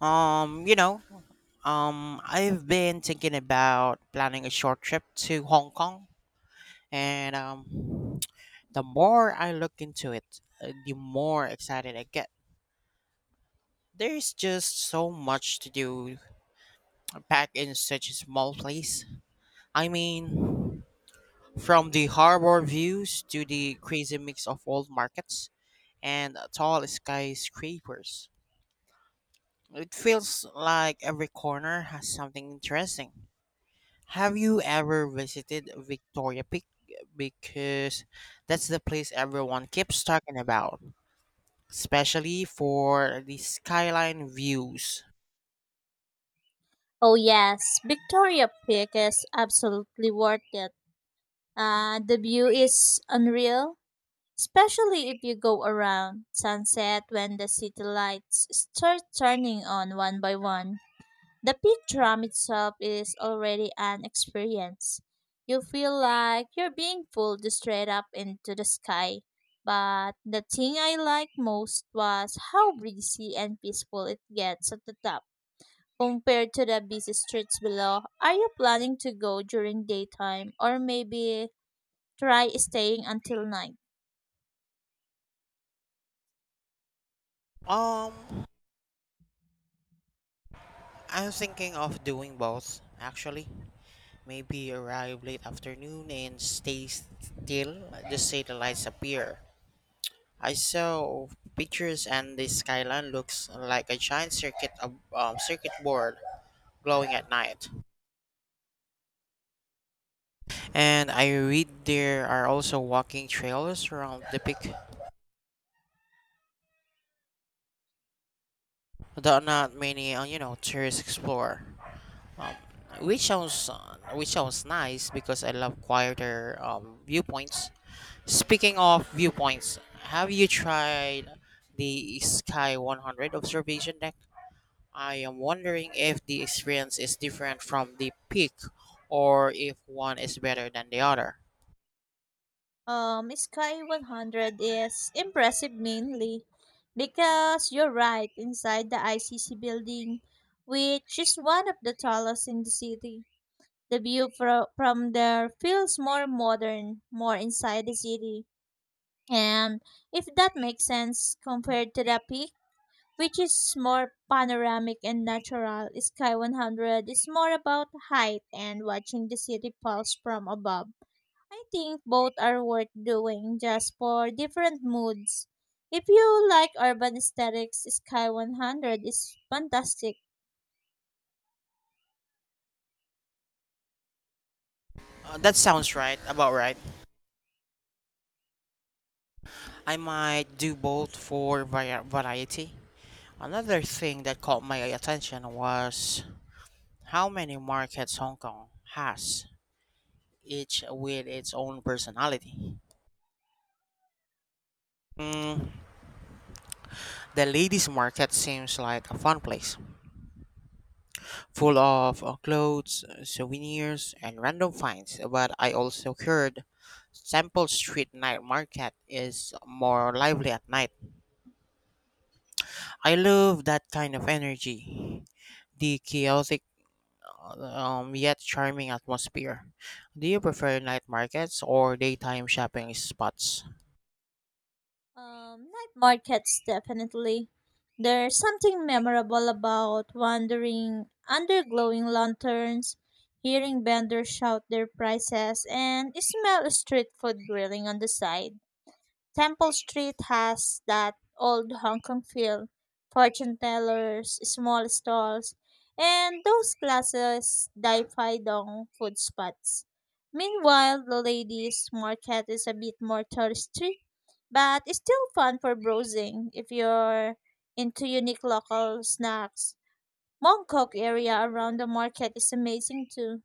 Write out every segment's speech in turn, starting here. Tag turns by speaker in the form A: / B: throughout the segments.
A: Um, you know, I've been thinking about planning a short trip to Hong Kong, and the more I look into it, the more excited I get. There's just so much to do back in such a small place. I mean, from the harbor views to the crazy mix of old markets and tall skyscrapers. It feels like every corner has something interesting. Have you ever visited Victoria Peak? Because that's the place everyone keeps talking about, especially for the skyline views.
B: Oh yes, Victoria Peak is absolutely worth it. The view is unreal, especially if you go around sunset when the city lights start turning on one by one. The peak tram itself is already an experience. You feel like you're being pulled straight up into the sky. But the thing I liked most was how breezy and peaceful it gets at the top compared to the busy streets below. Are you planning to go during daytime or maybe try staying until night?
A: Um, I'm thinking of doing both, actually. Maybe arrive late afternoon and stay still, just say the lights appear. I saw pictures and the skyline looks like a giant circuit board glowing at night. And I read there are also walking trails around the peak that not many, tourists explore. Um, which sounds nice because I love quieter viewpoints. Speaking of viewpoints, have you tried the Sky 100 observation deck? I am wondering if the experience is different from the peak or if one is better than the other.
B: Sky 100 is impressive mainly because you're right inside the ICC building, which is one of the tallest in the city. The view from there feels more modern, more inside the city. And if that makes sense compared to the peak, which is more panoramic and natural. Sky 100 is more about height and watching the city pulse from above. I think both are worth doing just for different moods. If you like urban aesthetics, Sky 100 is fantastic.
A: That sounds about right. I might do both for variety. Another thing that caught my attention was how many markets Hong Kong has, each with its own personality. Mm, the ladies' market seems like a fun place, full of clothes, souvenirs, and random finds. But I also heard Temple Street Night Market is more lively at night. I love that kind of energy. The chaotic yet charming atmosphere. Do you prefer night markets or daytime shopping spots?
B: Night markets definitely. There's something memorable about wandering under glowing lanterns, hearing vendors shout their prices, and smell street food grilling on the side. Temple Street has that old Hong Kong feel. Fortune tellers, small stalls, and those glasses dai dong food spots. Meanwhile, the ladies' market is a bit more touristy but it's still fun for browsing if you're into unique local snacks. Mongkok area around the market is amazing too.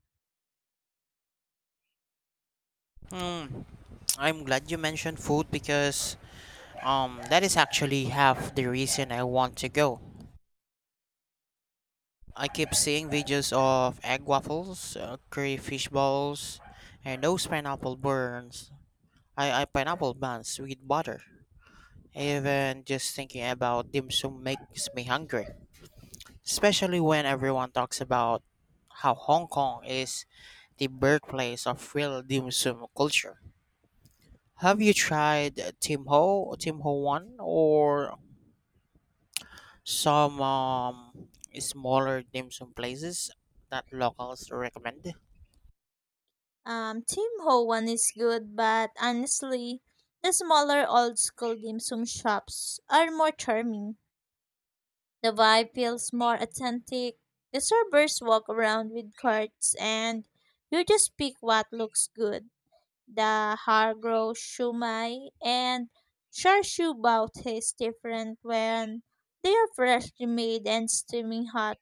A: Hmm, I'm glad you mentioned food because that is actually half the reason I want to go. I keep seeing videos of egg waffles, curry fish balls, and those pineapple burns. I pineapple buns with butter. Even just thinking about dim sum makes me hungry, especially when everyone talks about how Hong Kong is the birthplace of real dim sum culture. Have you tried Tim Ho Wan or some smaller dim sum places that locals recommend?
B: Tim Ho one is good, but honestly, the smaller old school dim sum shops are more charming. The vibe feels more authentic. The servers walk around with carts, and you just pick what looks good. The Hargrove shumai and Charshu bao taste different when they are freshly made and steaming hot.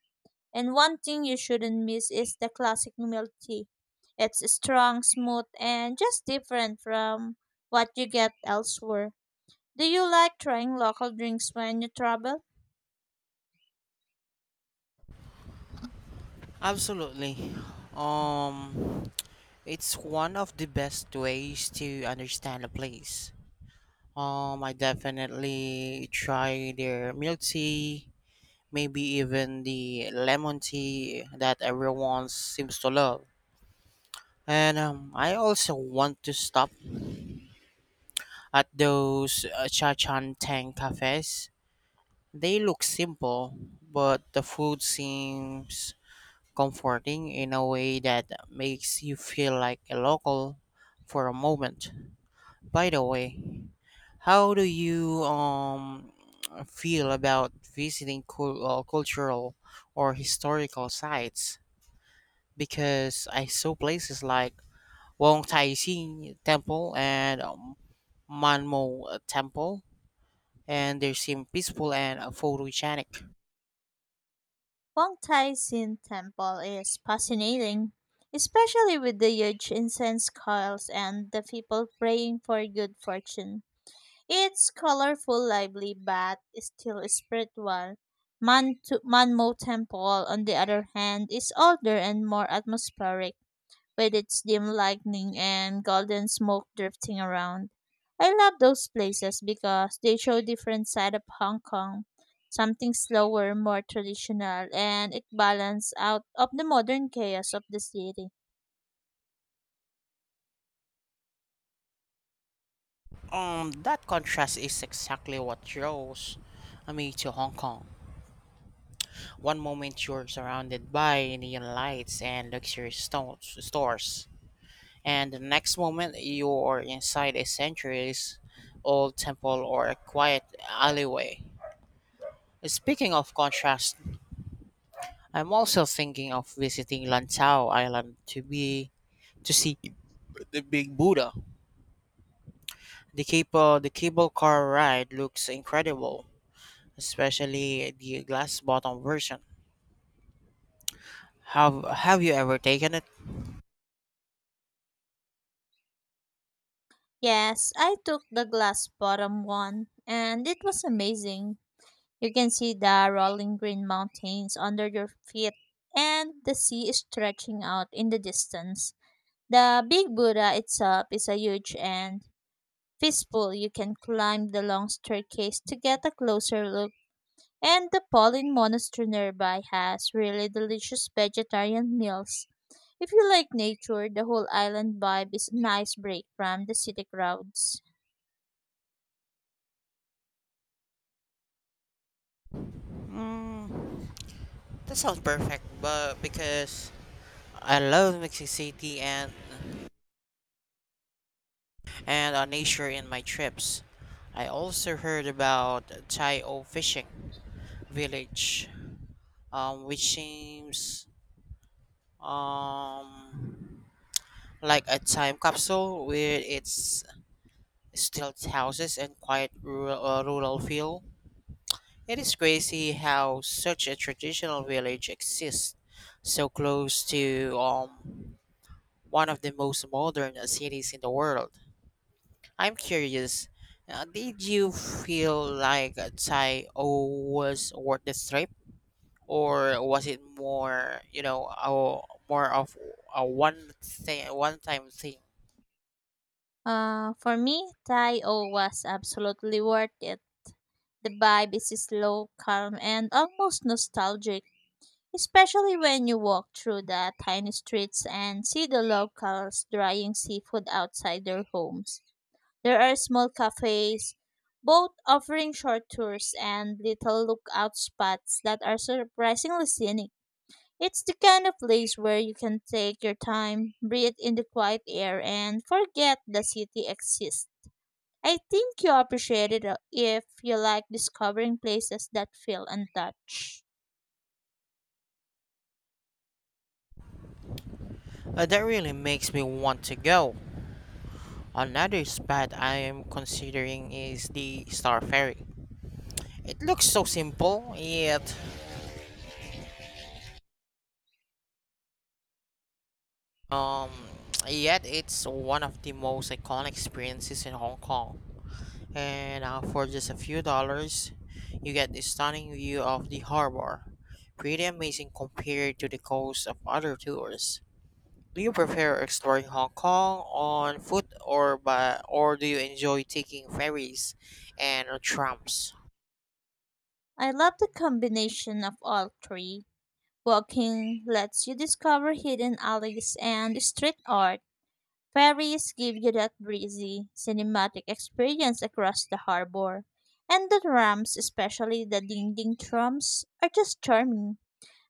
B: And one thing you shouldn't miss is the classic milk tea. It's strong, smooth, and just different from what you get elsewhere. Do you like trying local drinks when you travel?
A: Absolutely. Um, it's one of the best ways to understand a place. I definitely try their milk tea, maybe even the lemon tea that everyone seems to love. And I also want to stop at those cha chan tang cafes. They look simple, but the food seems comforting in a way that makes you feel like a local for a moment. By the way, how do you feel about visiting cultural or historical sites? Because I saw places like Wong Tai Sin Temple and Manmo Temple, and they seem peaceful and photogenic.
B: Wong Tai Sin Temple is fascinating, especially with the huge incense coils and the people praying for good fortune. It's colorful, lively, but still spiritual. Man to Manmo Temple, on the other hand, is older and more atmospheric, with its dim lightning and golden smoke drifting around. I love those places because they show different side of Hong Kong, something slower, more traditional, and it balances out of the modern chaos of the city.
A: That contrast is exactly what draws me to Hong Kong. One moment you're surrounded by neon lights and luxury stores, and the next moment you're inside a centuries old temple or a quiet alleyway. Speaking of contrast, I'm also thinking of visiting Lantau Island to see the Big Buddha. The cable car ride looks incredible, especially the glass bottom version. Have you ever taken it?
B: Yes, I took the glass bottom one, and it was amazing. You can see the rolling green mountains under your feet and the sea stretching out in the distance. The big Buddha itself is a huge and peaceful. You can climb the long staircase to get a closer look. And the Pauline monastery nearby has really delicious vegetarian meals. If you like nature, the whole island vibe is a nice break from the city crowds.
A: Mm, that sounds perfect, but because I love Mexico City and nature in my trips. I also heard about Tayo fishing village, which seems um like a time capsule with its stilt houses and quiet rural feel. It is crazy how such a traditional village exists so close to one of the most modern cities in the world. I'm curious, did you feel like Tai O was worth the trip? Or was it more of a one-time thing?
B: For me, Tai O was absolutely worth it. The vibe is slow, calm, and almost nostalgic, especially when you walk through the tiny streets and see the locals drying seafood outside their homes. There are small cafes, both offering short tours and little lookout spots that are surprisingly scenic. It's the kind of place where you can take your time, breathe in the quiet air, and forget the city exists. I think you'll appreciate it if you like discovering places that feel untouched.
A: That really makes me want to go. Another spot I am considering is the Star Ferry. It looks so simple, um yet it's one of the most iconic experiences in Hong Kong. And for just a few dollars, you get a stunning view of the harbor. Pretty amazing compared to the cost of other tours. Do you prefer exploring Hong Kong on foot or by or do you enjoy taking ferries and trams?
B: I love the combination of all three. Walking lets you discover hidden alleys and street art. Ferries give you that breezy, cinematic experience across the harbor. And the trams, especially the ding ding trams, are just charming.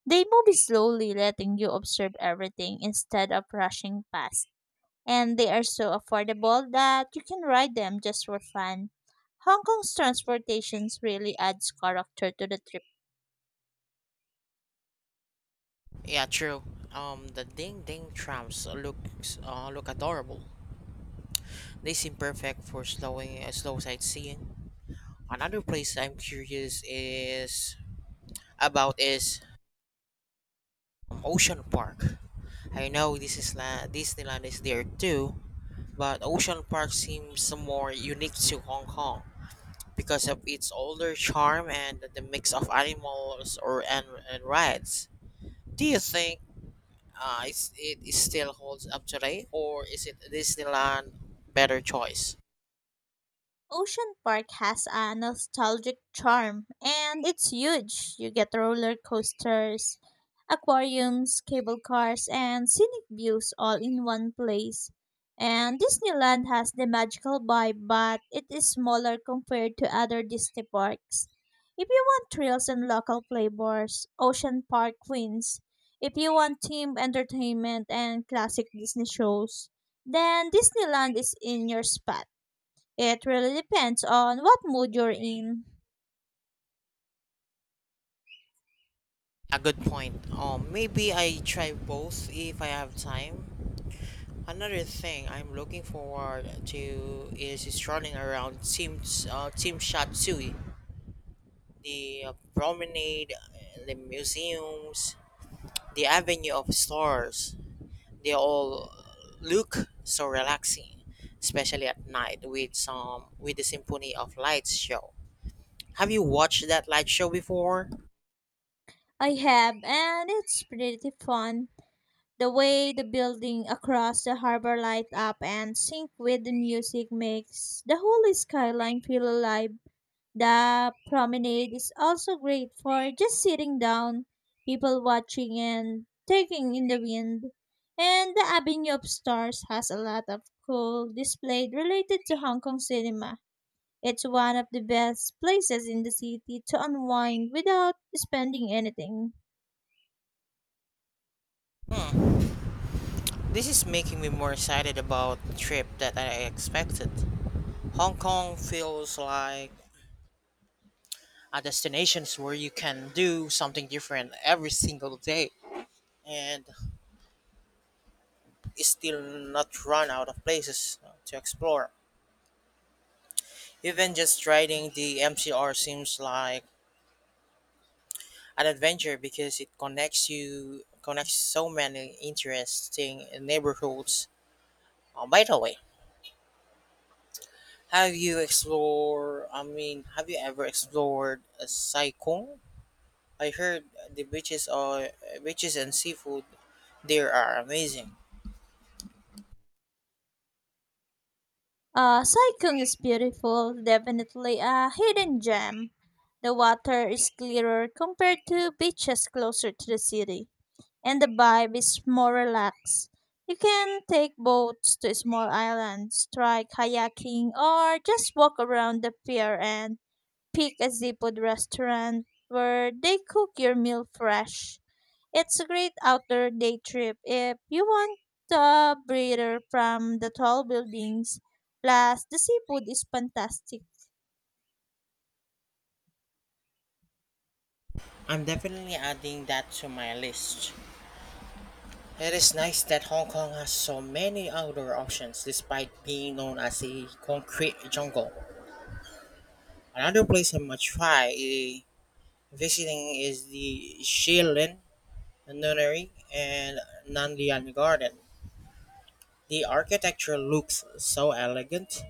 B: They move slowly, letting you observe everything instead of rushing past. And they are so affordable that you can ride them just for fun. Hong Kong's transportations really adds character to the trip.
A: Yeah, true. The ding ding trams look adorable. They seem perfect for slow sightseeing. Another place I'm curious is about is Ocean Park. I know Disneyland is there too, but Ocean Park seems more unique to Hong Kong because of its older charm and the mix of animals and rides. Do you think it is still holds up today, or is it Disneyland better choice?
B: Ocean Park has a nostalgic charm and it's huge. You get roller coasters, aquariums, cable cars, and scenic views all in one place. And Disneyland has the magical vibe, but it is smaller compared to other Disney parks. If you want thrills and local flavors, Ocean Park wins. If you want themed entertainment and classic Disney shows, then Disneyland is in your spot. It really depends on what mood you're in.
A: A good point. Maybe I try both if I have time. Another thing I'm looking forward to is strolling around Team Shatsui, the promenade, the museums, the avenue of stores. They all look so relaxing, especially at night with some with the symphony of lights show. Have you watched that light show before?
B: I have, and it's pretty fun. The way the building across the harbor light up and sync with the music makes the whole skyline feel alive. The promenade is also great for just sitting down, people watching and taking in the wind. And the Avenue of Stars has a lot of cool display related to Hong Kong cinema. It's one of the best places in the city to unwind without spending anything.
A: Hmm, this is making me more excited about the trip that I expected. Hong Kong feels like a destination where you can do something different every single day and still not run out of places to explore. Even just riding the MCR seems like an adventure because it connects so many interesting neighborhoods. Oh, by the way, I mean, have you ever explored Sai Kung? I heard the beaches and seafood there are amazing.
B: Saikung is beautiful, definitely a hidden gem. The water is clearer compared to beaches closer to the city, and the vibe is more relaxed. You can take boats to small islands, try kayaking, or just walk around the pier and pick a seafood restaurant where they cook your meal fresh. It's a great outdoor day trip if you want the breather from the tall buildings. Plus, the seafood is fantastic.
A: I'm definitely adding that to my list. It is nice that Hong Kong has so many outdoor options despite being known as a concrete jungle. Another place I might try visiting is the Shilin Nunnery and Nandian Garden. The architecture looks so elegant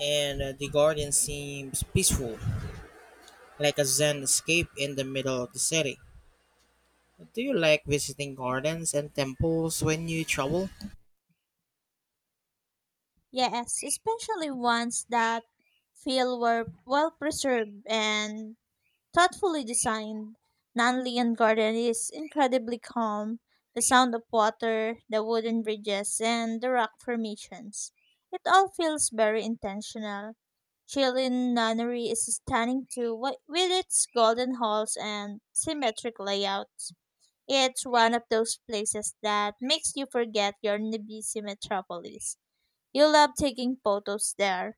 A: and the garden seems peaceful, like a Zen escape in the middle of the city. Do you like visiting gardens and temples when you travel?
B: Yes, especially ones that feel were well preserved and thoughtfully designed, Nanlian Garden is incredibly calm. The sound of water, the wooden bridges, and the rock formations. It all feels very intentional. Chilin Nunnery is stunning too, with its golden halls and symmetric layouts. It's one of those places that makes you forget your busy metropolis. You love taking photos there.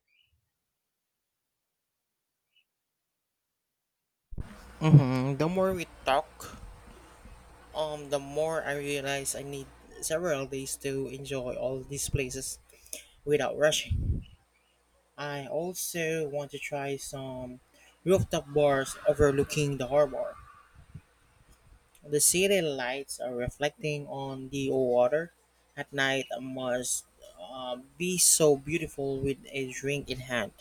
A: The more we talk, the more I realize I need several days to enjoy all these places without rushing. I also want to try some rooftop bars overlooking the harbor. The city lights are reflecting on the water at night must be so beautiful with a drink in hand.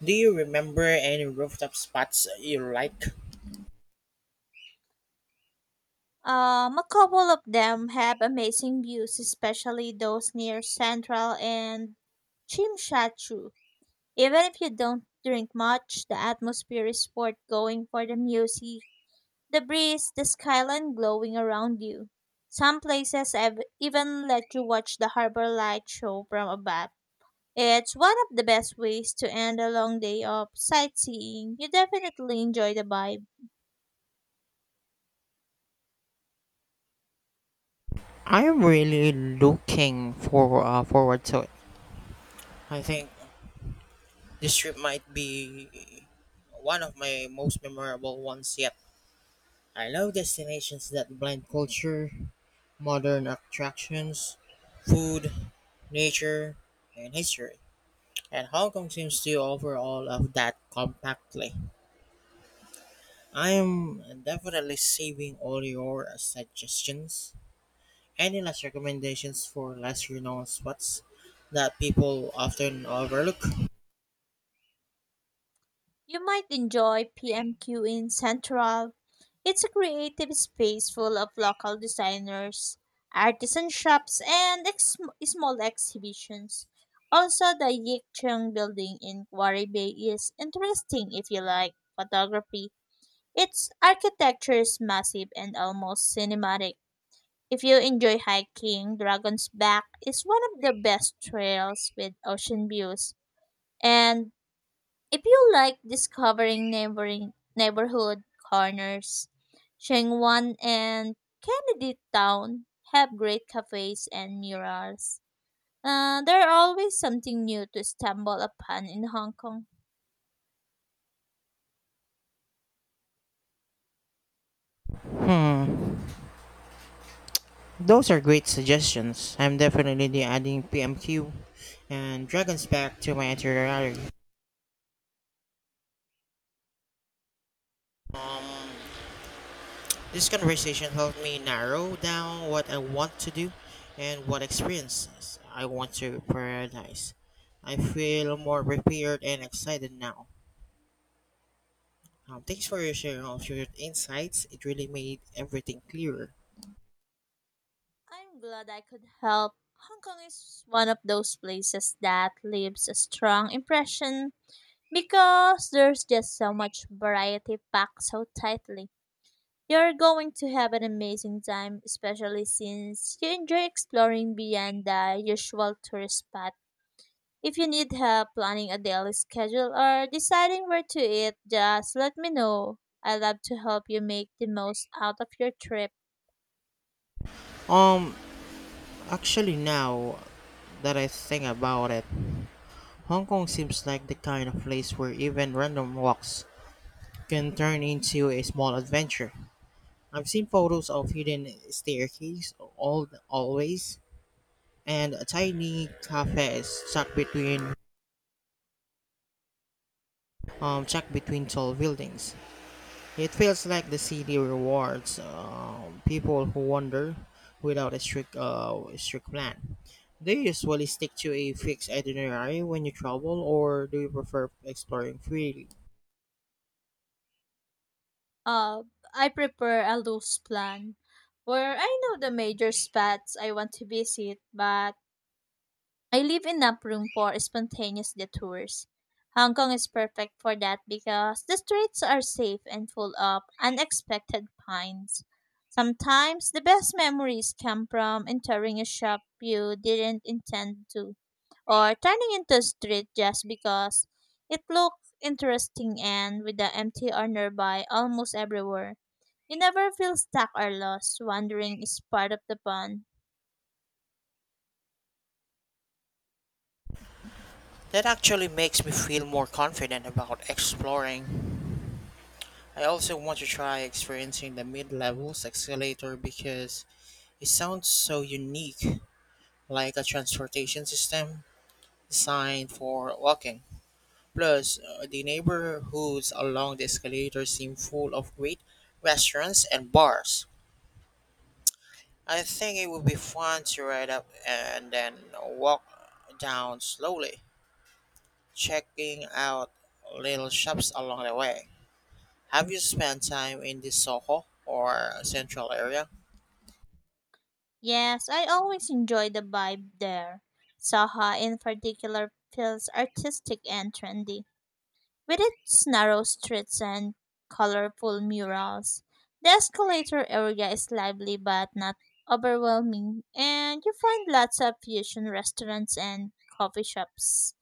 A: Do you remember any rooftop spots you like?
B: A couple of them have amazing views, especially those near Central and Chimchachu. Even if you don't drink much, the atmosphere is worth going for the music, the breeze, the skyline glowing around you. Some places have even let you watch the harbor light show from above. It's one of the best ways to end a long day of sightseeing. You definitely enjoy the vibe.
A: I'm really looking forward to it. I think this trip might be one of my most memorable ones yet. I love destinations that blend culture, modern attractions, food, nature, and history, and Hong Kong seems to offer all of that compactly. I'm definitely saving all your suggestions. Any last recommendations for less renowned spots that people often overlook?
B: You might enjoy PMQ in Central. It's a creative space full of local designers, artisan shops, and small exhibitions. Also, the Yik Cheng building in Quarry Bay is interesting if you like photography. Its architecture is massive and almost cinematic. If you enjoy hiking, Dragon's Back is one of the best trails with ocean views. And if you like discovering neighboring neighborhood corners, Shengwan and Kennedy Town have great cafes and murals. There are always something new to stumble upon in Hong Kong.
A: Hmm, those are great suggestions. I'm definitely adding PMQ and Dragon's Back to my itinerary. Um, This conversation helped me narrow down what I want to do and what experiences I want to prioritize. I feel more prepared and excited now. Thanks for your sharing of your insights. It really made everything clearer.
B: I'm glad I could help. Hong Kong is one of those places that leaves a strong impression because there's just so much variety packed so tightly. You're going to have an amazing time, especially since you enjoy exploring beyond the usual tourist spot. If you need help planning a daily schedule or deciding where to eat, just let me know. I love to help you make the most out of your trip.
A: Um, Actually, now that I think about it, Hong Kong seems like the kind of place where even random walks can turn into a small adventure. I've seen photos of hidden staircase all always, and a tiny cafe is stuck between tall buildings. It feels like the city rewards people who wander without a strict plan. Do you usually stick to a fixed itinerary when you travel, or do you prefer exploring freely?
B: Uh, I prepare a loose plan where I know the major spots I want to visit, but I leave enough room for spontaneous detours. Hong Kong is perfect for that because the streets are safe and full of unexpected finds. Sometimes the best memories come from entering a shop you didn't intend to, or turning into a street just because it looks interesting and with the empty nearby almost everywhere. You never feel stuck or lost, wandering is part of the fun.
A: That actually makes me feel more confident about exploring. I also want to try experiencing the mid levels escalator because it sounds so unique, like a transportation system designed for walking. Plus, the neighborhoods along the escalator seem full of great restaurants and bars. I think it would be fun to ride up and then walk down slowly, checking out little shops along the way. Have you spent time in the Soho or central area?
B: Yes, I always enjoy the vibe there. Saha in particular feels artistic and trendy, with its narrow streets and colorful murals. The escalator area is lively but not overwhelming, and you find lots of fusion restaurants and coffee shops.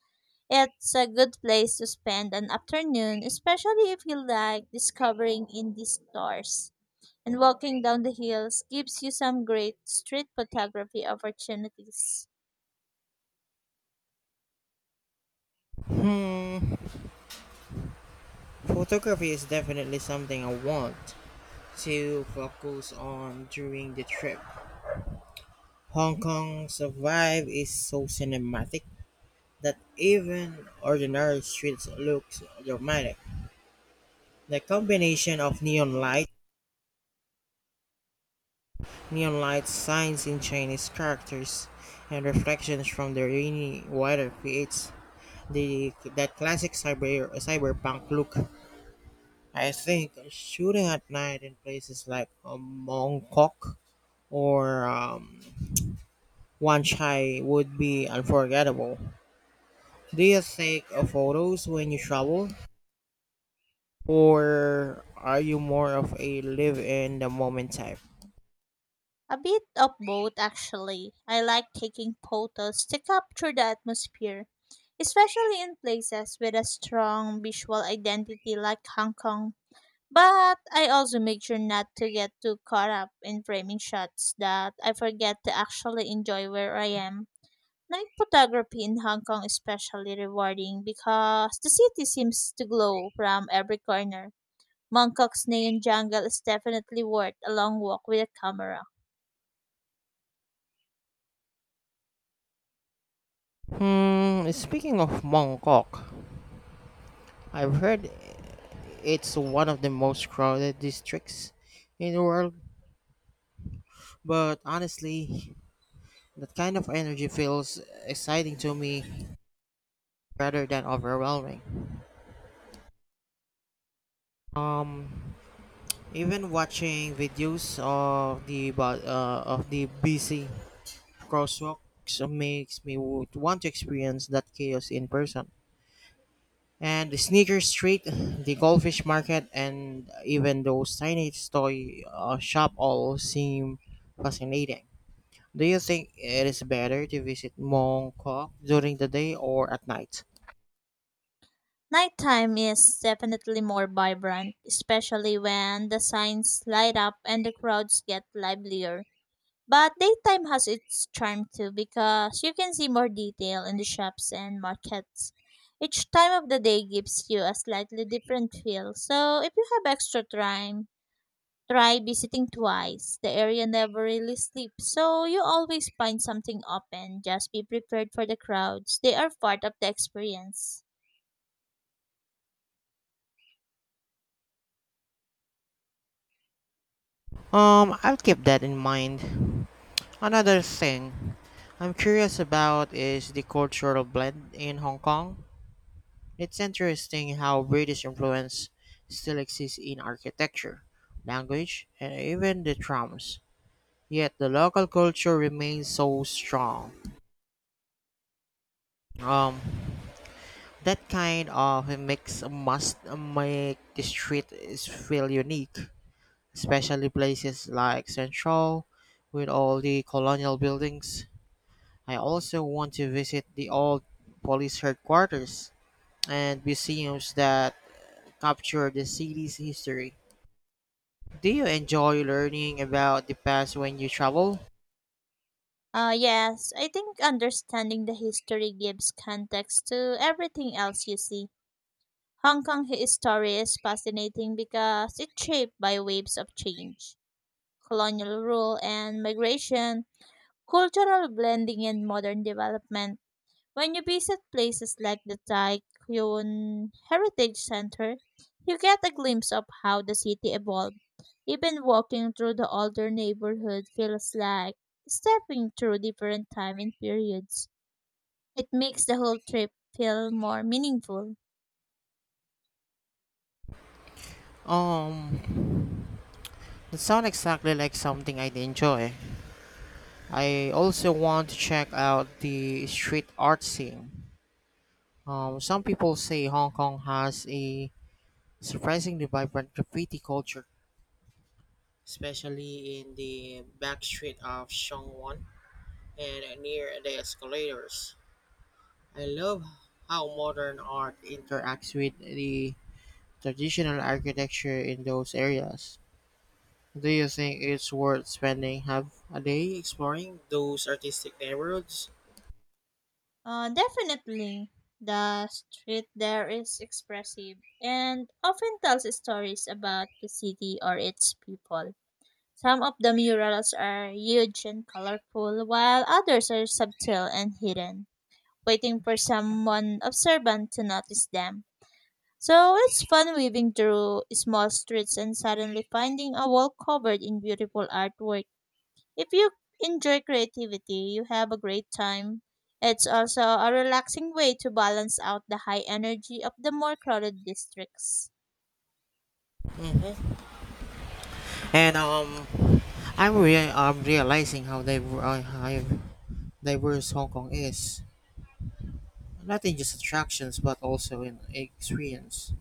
B: It's a good place to spend an afternoon, especially if you like discovering indie stores and walking down the hills gives you some great street photography opportunities.
A: Hmm, Photography is definitely something I want to focus on during the trip. Hong Kong's vibe is so cinematic that even ordinary streets looks dramatic. The combination of neon light signs in Chinese characters, and reflections from the rainy weather creates the that classic cyberpunk look. I think shooting at night in places like Bangkok or Wan Chai would be unforgettable. Do you take photos when you travel? Or are you more of a live in the moment type?
B: A bit of both, actually. I like taking photos to capture the atmosphere, especially in places with a strong visual identity like Hong Kong. But I also make sure not to get too caught up in framing shots that I forget to actually enjoy where I am. Night photography in Hong Kong is especially rewarding because the city seems to glow from every corner. Mongkok's neon jungle is definitely worth a long walk with a camera.
A: Speaking of Bangkok, I've heard it's one of the most crowded districts in the world, but honestly, that kind of energy feels exciting to me rather than overwhelming. Um, Even watching videos of the busy crosswalks makes me would want to experience that chaos in person, and the Sneaker Street, the Goldfish Market, and even those tiny toy shop all seem fascinating. Do you think it is better to visit Mong Kok during the day or at night?
B: Nighttime is definitely more vibrant, especially when the signs light up and the crowds get livelier. But daytime has its charm too because you can see more detail in the shops and markets. Each time of the day gives you a slightly different feel. So if you have extra time, try visiting twice. The area never really sleeps, so you always find something open. Just be prepared for the crowds. They are part of the experience.
A: I'll keep that in mind. Another thing I'm curious about is the cultural blend in Hong Kong. It's interesting how British influence still exists in architecture, language, and even the trams. Yet the local culture remains so strong. Um, that kind of mix must make the street is feel unique, especially places like Central with all the colonial buildings. I also want to visit the old police headquarters and museums that capture the city's history. Do you enjoy learning about the past when you travel?
B: Yes, I think understanding the history gives context to everything else you see. Hong Kong history is fascinating because it's shaped by waves of change, colonial rule and migration, cultural blending and modern development. When you visit places like the Taikyon Heritage Center, you get a glimpse of how the city evolved. Even walking through the older neighborhood feels like stepping through different time and periods. It makes the whole trip feel more meaningful.
A: Um, it sounds exactly like something I'd enjoy. I also want to check out the street art scene. Some people say Hong Kong has a surprisingly vibrant graffiti culture, especially in the back street of Shong Wan and near the escalators. I love how modern art interacts with the traditional architecture in those areas. Do you think it's worth spending half a day exploring those artistic neighborhoods?
B: Definitely, the street there is expressive and often tells stories about the city or its people. Some of the murals are huge and colorful, while others are subtle and hidden, waiting for someone observant to notice them. So it's fun weaving through small streets and suddenly finding a wall covered in beautiful artwork. If you enjoy creativity, you have a great time. It's also a relaxing way to balance out the high energy of the more crowded districts.
A: Mhm. And I'm realizing how diverse Hong Kong is. Not in just attractions, but also in experience.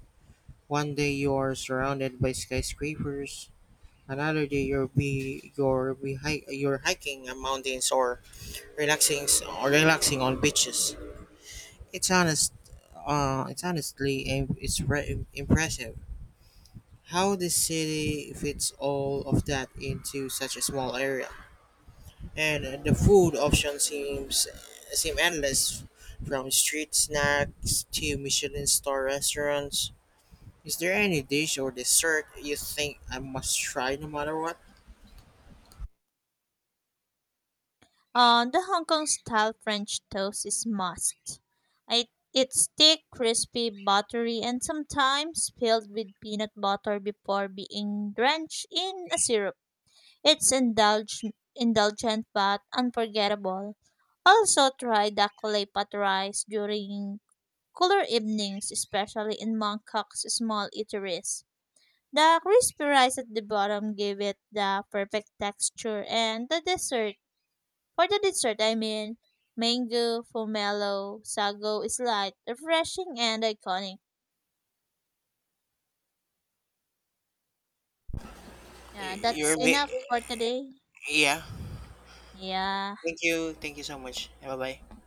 A: One day you're surrounded by skyscrapers. Another day you're hiking mountains, or relaxing on beaches. It's honest. It's honestly impressive how this city fits all of that into such a small area, and the food option seems seem endless, from street snacks to michelin star restaurants. Is there any dish or dessert you think I must try, no matter what?
B: The Hong Kong style French toast is must. I, it's thick, crispy, buttery, and sometimes filled with peanut butter before being drenched in a syrup. It's indulge, Indulgent but unforgettable. Also try the kulay pat rice during cooler evenings, especially in Bangkok's small eateries. The crispy rice at the bottom give it the perfect texture and the dessert for the dessert, mango, pomelo, sago is light, refreshing, and iconic. Yeah,
A: Y-
B: that's
A: you're ma-
B: enough for today.
A: yeah,
B: Yeah.
A: thank you so much. Bye bye.